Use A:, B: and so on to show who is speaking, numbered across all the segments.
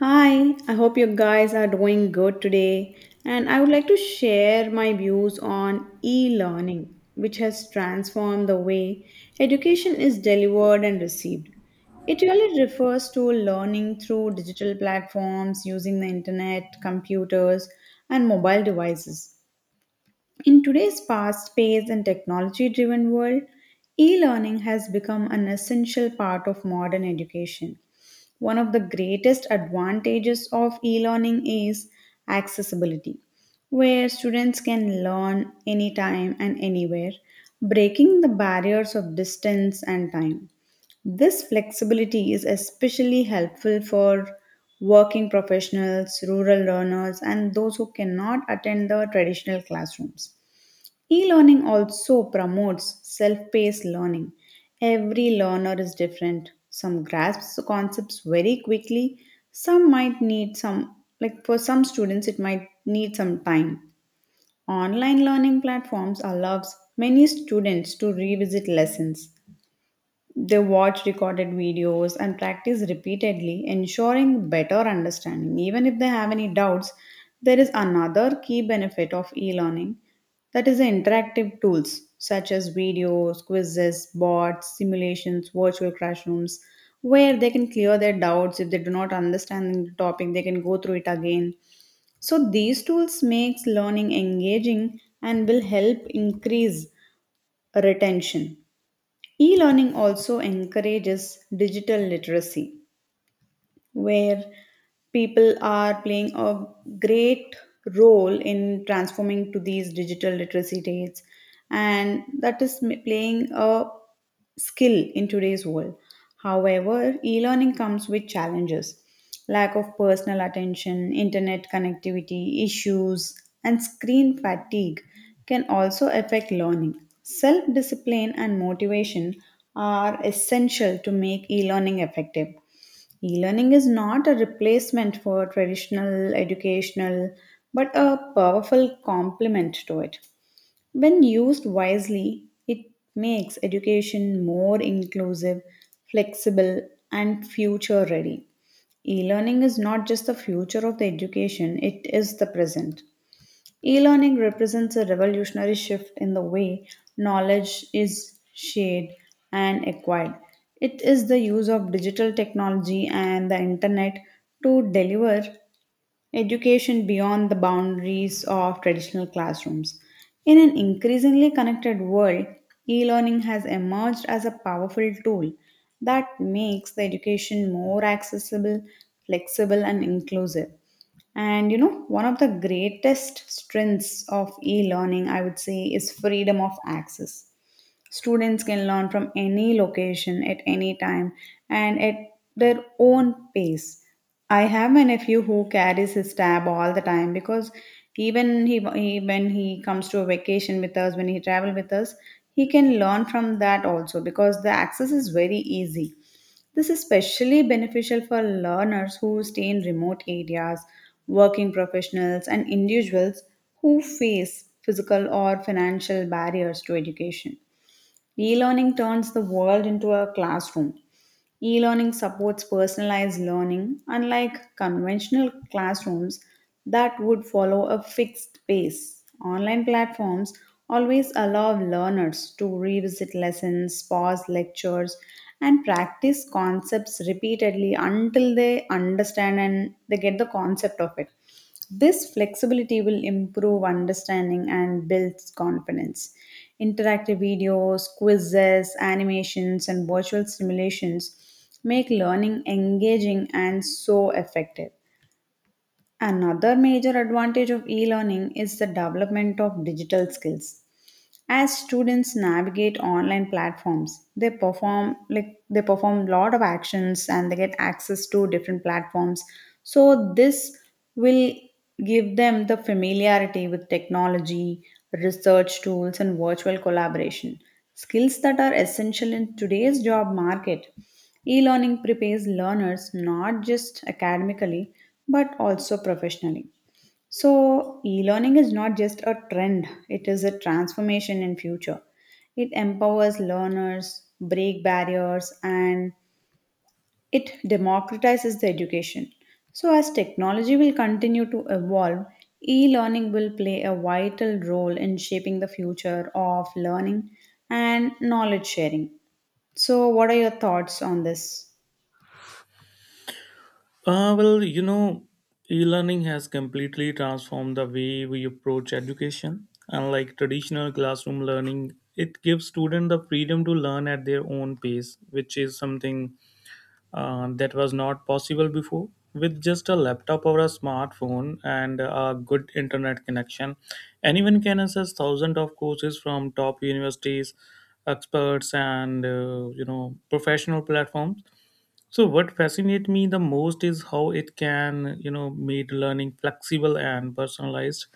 A: Hi, I hope you guys are doing good today. And I would like to share my views on e learning, which has transformed the way education is delivered and received. It really refers to learning through digital platforms using the internet, computers, and mobile devices. In today's fast paced and technology driven world, e learning has become an essential part of modern education. One of the greatest advantages of e learning is accessibility, where students can learn anytime and anywhere, breaking the barriers of distance and time. This flexibility is especially helpful for working professionals, rural learners, and those who cannot attend the traditional classrooms. E learning also promotes self paced learning. Every learner is different. Some grasps the concepts very quickly, some might need some, like for some students, it might need some time. Online learning platforms allows many students to revisit lessons they watch recorded videos and practice repeatedly, ensuring better understanding. Even if they have any doubts, there is another key benefit of e learning that is the interactive tools such as videos, quizzes, bots, simulations, virtual classrooms, where they can clear their doubts if they do not understand the topic, they can go through it again. So these tools makes learning engaging and will help increase retention. E learning also encourages digital literacy where people are playing a great role in transforming to these digital literacy days, and that is playing a skill in today's world. However, e-learning comes with challenges. Lack of personal attention, internet connectivity issues, and screen fatigue can also affect learning. Self-discipline and motivation are essential to make e-learning effective. E-learning is not a replacement for traditional educational, but a powerful complement to it. When used wisely, it makes education more inclusive, flexible, and future ready. E learning is not just the future of the education, it is the present. E learning represents a revolutionary shift in the way knowledge is shared and acquired. It is the use of digital technology and the internet to deliver education beyond the boundaries of traditional classrooms. In an increasingly connected world, e learning has emerged as a powerful tool that makes the education more accessible, flexible, and inclusive. And you know, one of the greatest strengths of e learning, I would say, is freedom of access. Students can learn from any location at any time and at their own pace. I have a nephew who carries his tab all the time because even he, when he comes to a vacation with us, when he travel with us, he can learn from that also because the access is very easy. This is especially beneficial for learners who stay in remote areas, working professionals, and individuals who face physical or financial barriers to education. E learning turns the world into a classroom. E learning supports personalized learning, unlike conventional classrooms that would follow a fixed pace. Online platforms always allow learners to revisit lessons, pause lectures, and practice concepts repeatedly until they understand and they get the concept of it. This flexibility will improve understanding and builds confidence. Interactive videos, quizzes, animations, and virtual simulations make learning engaging and so effective. Another major advantage of e learning is the development of digital skills. As students navigate online platforms, they perform like they perform a lot of actions and they get access to different platforms, so this will give them the familiarity with technology, research tools, and virtual collaboration skills that are essential in today's job market. E-learning prepares learners not just academically, but also professionally. So, e-learning is not just a trend, it is a transformation in future. It empowers learners, break barriers, and it democratizes the education. So, as technology will continue to evolve, e-learning will play a vital role in shaping the future of learning and knowledge sharing. So, what are your thoughts on this?
B: Uh, well, you know, E learning has completely transformed the way we approach education. Unlike traditional classroom learning, it gives students the freedom to learn at their own pace, which is something that was not possible before. With just a laptop or a smartphone and a good internet connection, anyone can access thousands of courses from top universities, experts, and professional platforms. So what fascinates me the most is how it can, make learning flexible and personalized.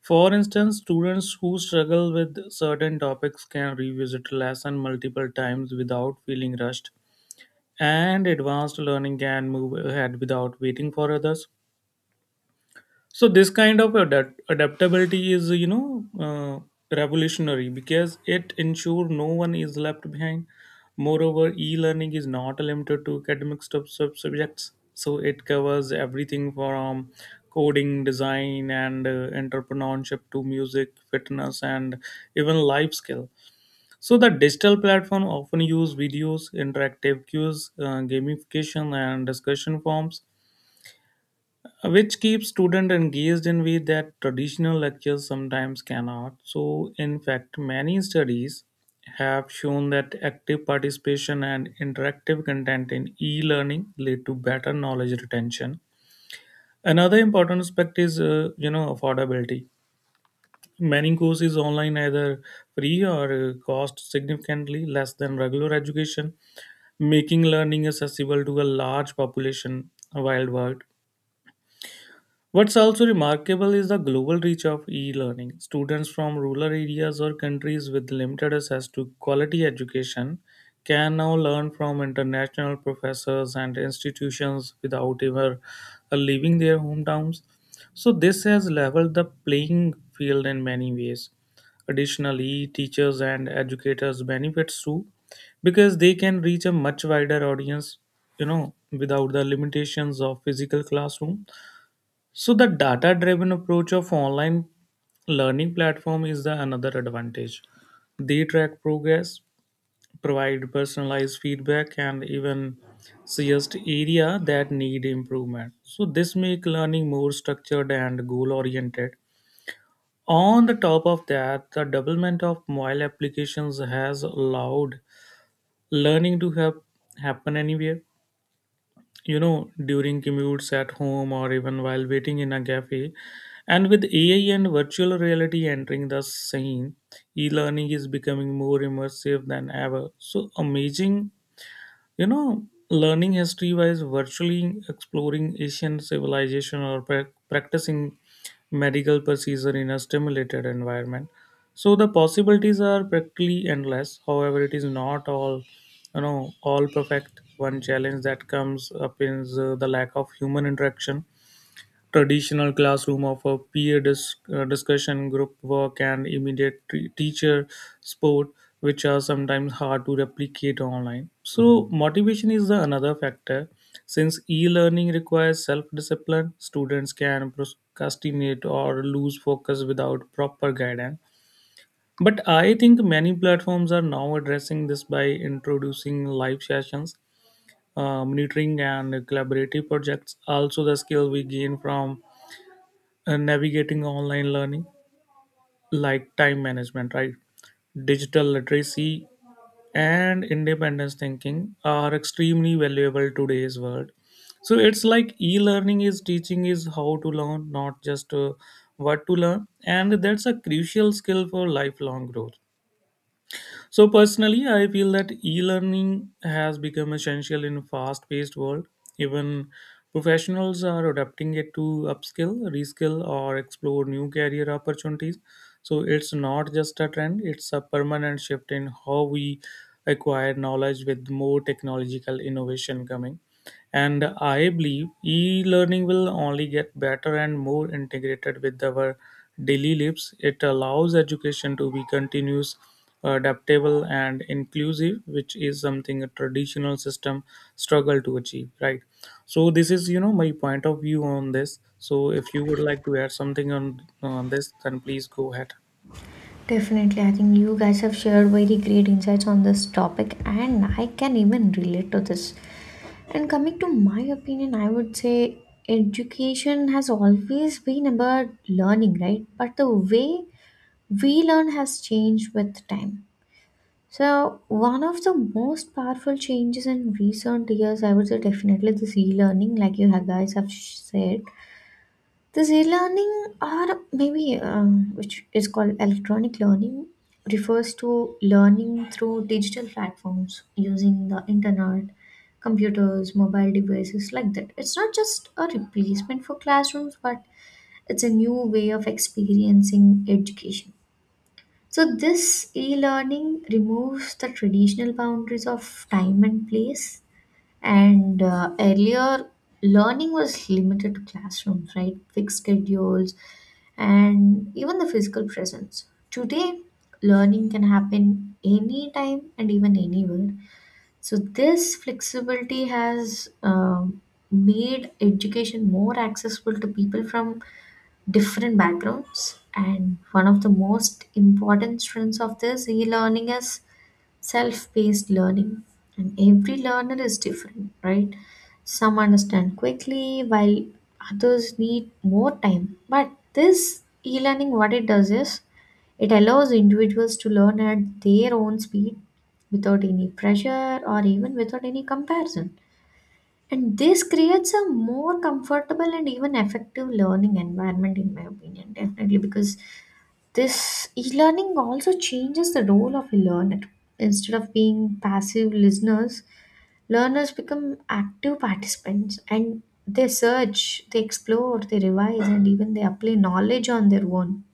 B: For instance, students who struggle with certain topics can revisit lesson multiple times without feeling rushed, and advanced learning can move ahead without waiting for others. So this kind of adaptability is, revolutionary because it ensures no one is left behind. Moreover, e-learning is not limited to academic subjects, so it covers everything from coding, design, and entrepreneurship to music, fitness, and even life skill. So the digital platform often use videos, interactive cues, gamification, and discussion forms, which keeps student engaged in way that traditional lectures sometimes cannot. So in fact, many studies have shown that active participation and interactive content in e-learning lead to better knowledge retention. Another important aspect is affordability. Many courses online either free or cost significantly less than regular education, making learning accessible to a large population worldwide. What's also remarkable is the global reach of e learning. Students from rural areas or countries with limited access to quality education can now learn from international professors and institutions without ever leaving their hometowns. So, this has leveled the playing field in many ways. Additionally, teachers and educators benefits too because they can reach a much wider audience, you know, without the limitations of physical classroom. So the data driven approach of online learning platform is the another advantage. They track progress, provide personalized feedback, and even suggest area that need improvement. So this make learning more structured and goal oriented. On the top of that, the development of mobile applications has allowed learning to have happen anywhere, during commutes, at home, or even while waiting in a cafe. And with AI and virtual reality entering the scene, e-learning is becoming more immersive than ever. So amazing, you know learning history wise virtually, exploring asian civilization, or practicing medical procedure in a stimulated environment. So the possibilities are practically endless. However, it is not all, all perfect. One challenge that comes up is the lack of human interaction. Traditional classrooms offer peer discussion, group work, and immediate teacher support, which are sometimes hard to replicate online. So, motivation is the another factor. Since e-learning requires self-discipline, students can procrastinate or lose focus without proper guidance. But I think many platforms are now addressing this by introducing live sessions, monitoring, and collaborative projects. Also, the skill we gain from and navigating online learning like time management, right, digital literacy, and independence thinking are extremely valuable today's world. So it's like e-learning is teaching is how to learn, not just what to learn, and that's a crucial skill for lifelong growth. So personally, I feel that e-learning has become essential in a fast-paced world. Even professionals are adapting it to upskill, reskill, or explore new career opportunities. So it's not just a trend; it's a permanent shift in how we acquire knowledge, with more technological innovation coming. And I believe e learning will only get better and more integrated with our daily lives. It allows education to be continuous, adaptable, and inclusive, which is something a traditional system struggle to achieve, right? So, this is, my point of view on this. So, if you would like to add something on, this, then please go ahead.
C: Definitely, I think you guys have shared very great insights on this topic, and I can even relate to this. And coming to my opinion, I would say education has always been about learning, right? But the way we learn has changed with time. So, one of the most powerful changes in recent years, I would say, definitely this e learning, like you have guys have said this e-learning or maybe which is called electronic learning, refers to learning through digital platforms using the internet, computers, mobile devices like that. It's not just a replacement for classrooms, but it's a new way of experiencing education. So this e-learning removes the traditional boundaries of time and place, and earlier, learning was limited to classrooms, right? Fixed schedules, and even the physical presence. Today, learning can happen anytime and even anywhere. So, this flexibility has made education more accessible to people from different backgrounds. And one of the most important strengths of this e learning is self-paced learning, and every learner is different, right? Some understand quickly while others need more time, but this e-learning, what it does is it allows individuals to learn at their own speed without any pressure or even without any comparison. And this creates a more comfortable and even effective learning environment, in my opinion, definitely, because this e-learning also changes the role of a learner. Instead of being passive listeners, learners become active participants, and they search, they explore, they revise, and even they apply knowledge on their own.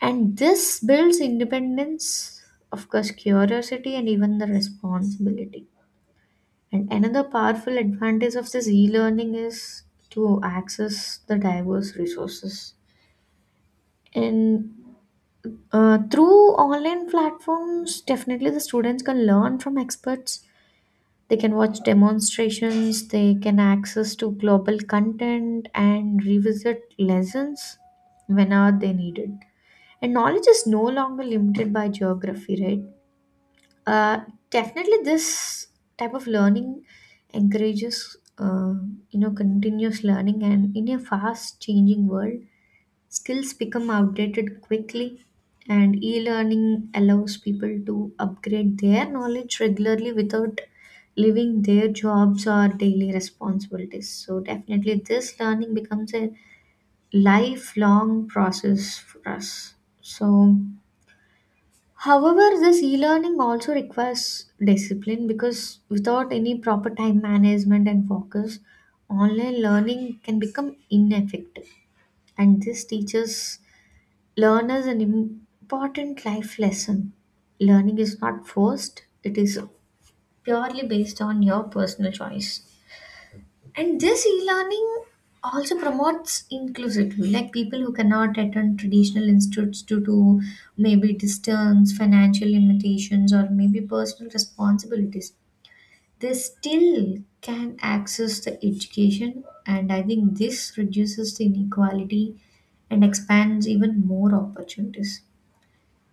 C: And this builds independence, of course, curiosity, and even the responsibility. And another powerful advantage of this e learning is to access the diverse resources. In Through online platforms, definitely the students can learn from experts. They can watch demonstrations, they can access to global content and revisit lessons whenever they need it. And knowledge is no longer limited by geography, right? Uh, Definitely this type of learning encourages continuous learning, and in a fast changing world, skills become outdated quickly, and e learning allows people to upgrade their knowledge regularly without leaving their jobs or daily responsibilities. So, definitely, this learning becomes a lifelong process for us. So, However, this e learning also requires discipline, because without any proper time management and focus, online learning can become ineffective. And this teaches learn is an important life lesson. Learning is not forced, it is purely based on your personal choice. And this e learning also promotes inclusivity, like people who cannot attend traditional institutes due to maybe distance, financial limitations, or maybe personal responsibilities. They still can access the education, and I think this reduces the inequality and expands even more opportunities.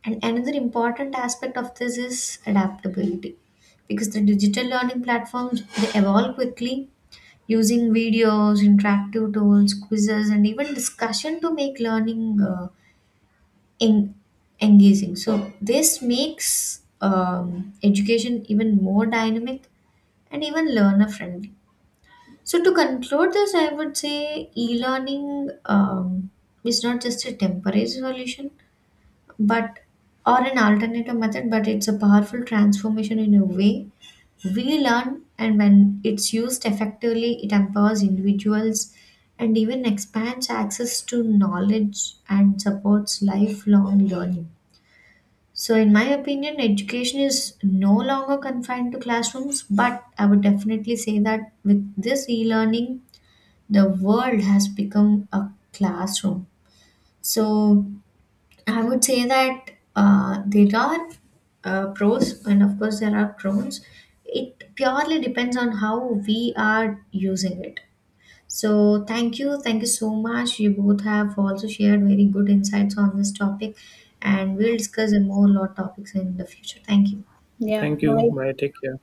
C: And another important aspect of this is adaptability, because the digital learning platforms, they evolve quickly using videos, interactive tools, quizzes and even discussion to make learning en- engaging. So this makes education even more dynamic and even learner friendly. So to conclude this, I would say e-learning is not just a temporary solution but or an alternative method, but it's a powerful transformation in a way we learn, and when it's used effectively it empowers individuals and even expands access to knowledge and supports lifelong learning. So in my opinion, education is no longer confined to classrooms, but I would definitely say that with this e-learning, the world has become a classroom. So I would say that there are pros and of course there are cons. It purely depends on how we are using it. So thank you so much. You both have also shared very good insights on this topic, and we'll discuss more lot topics in the future. Thank you.
A: Yeah,
B: Thank you.
A: bye.
B: Bye. Take care.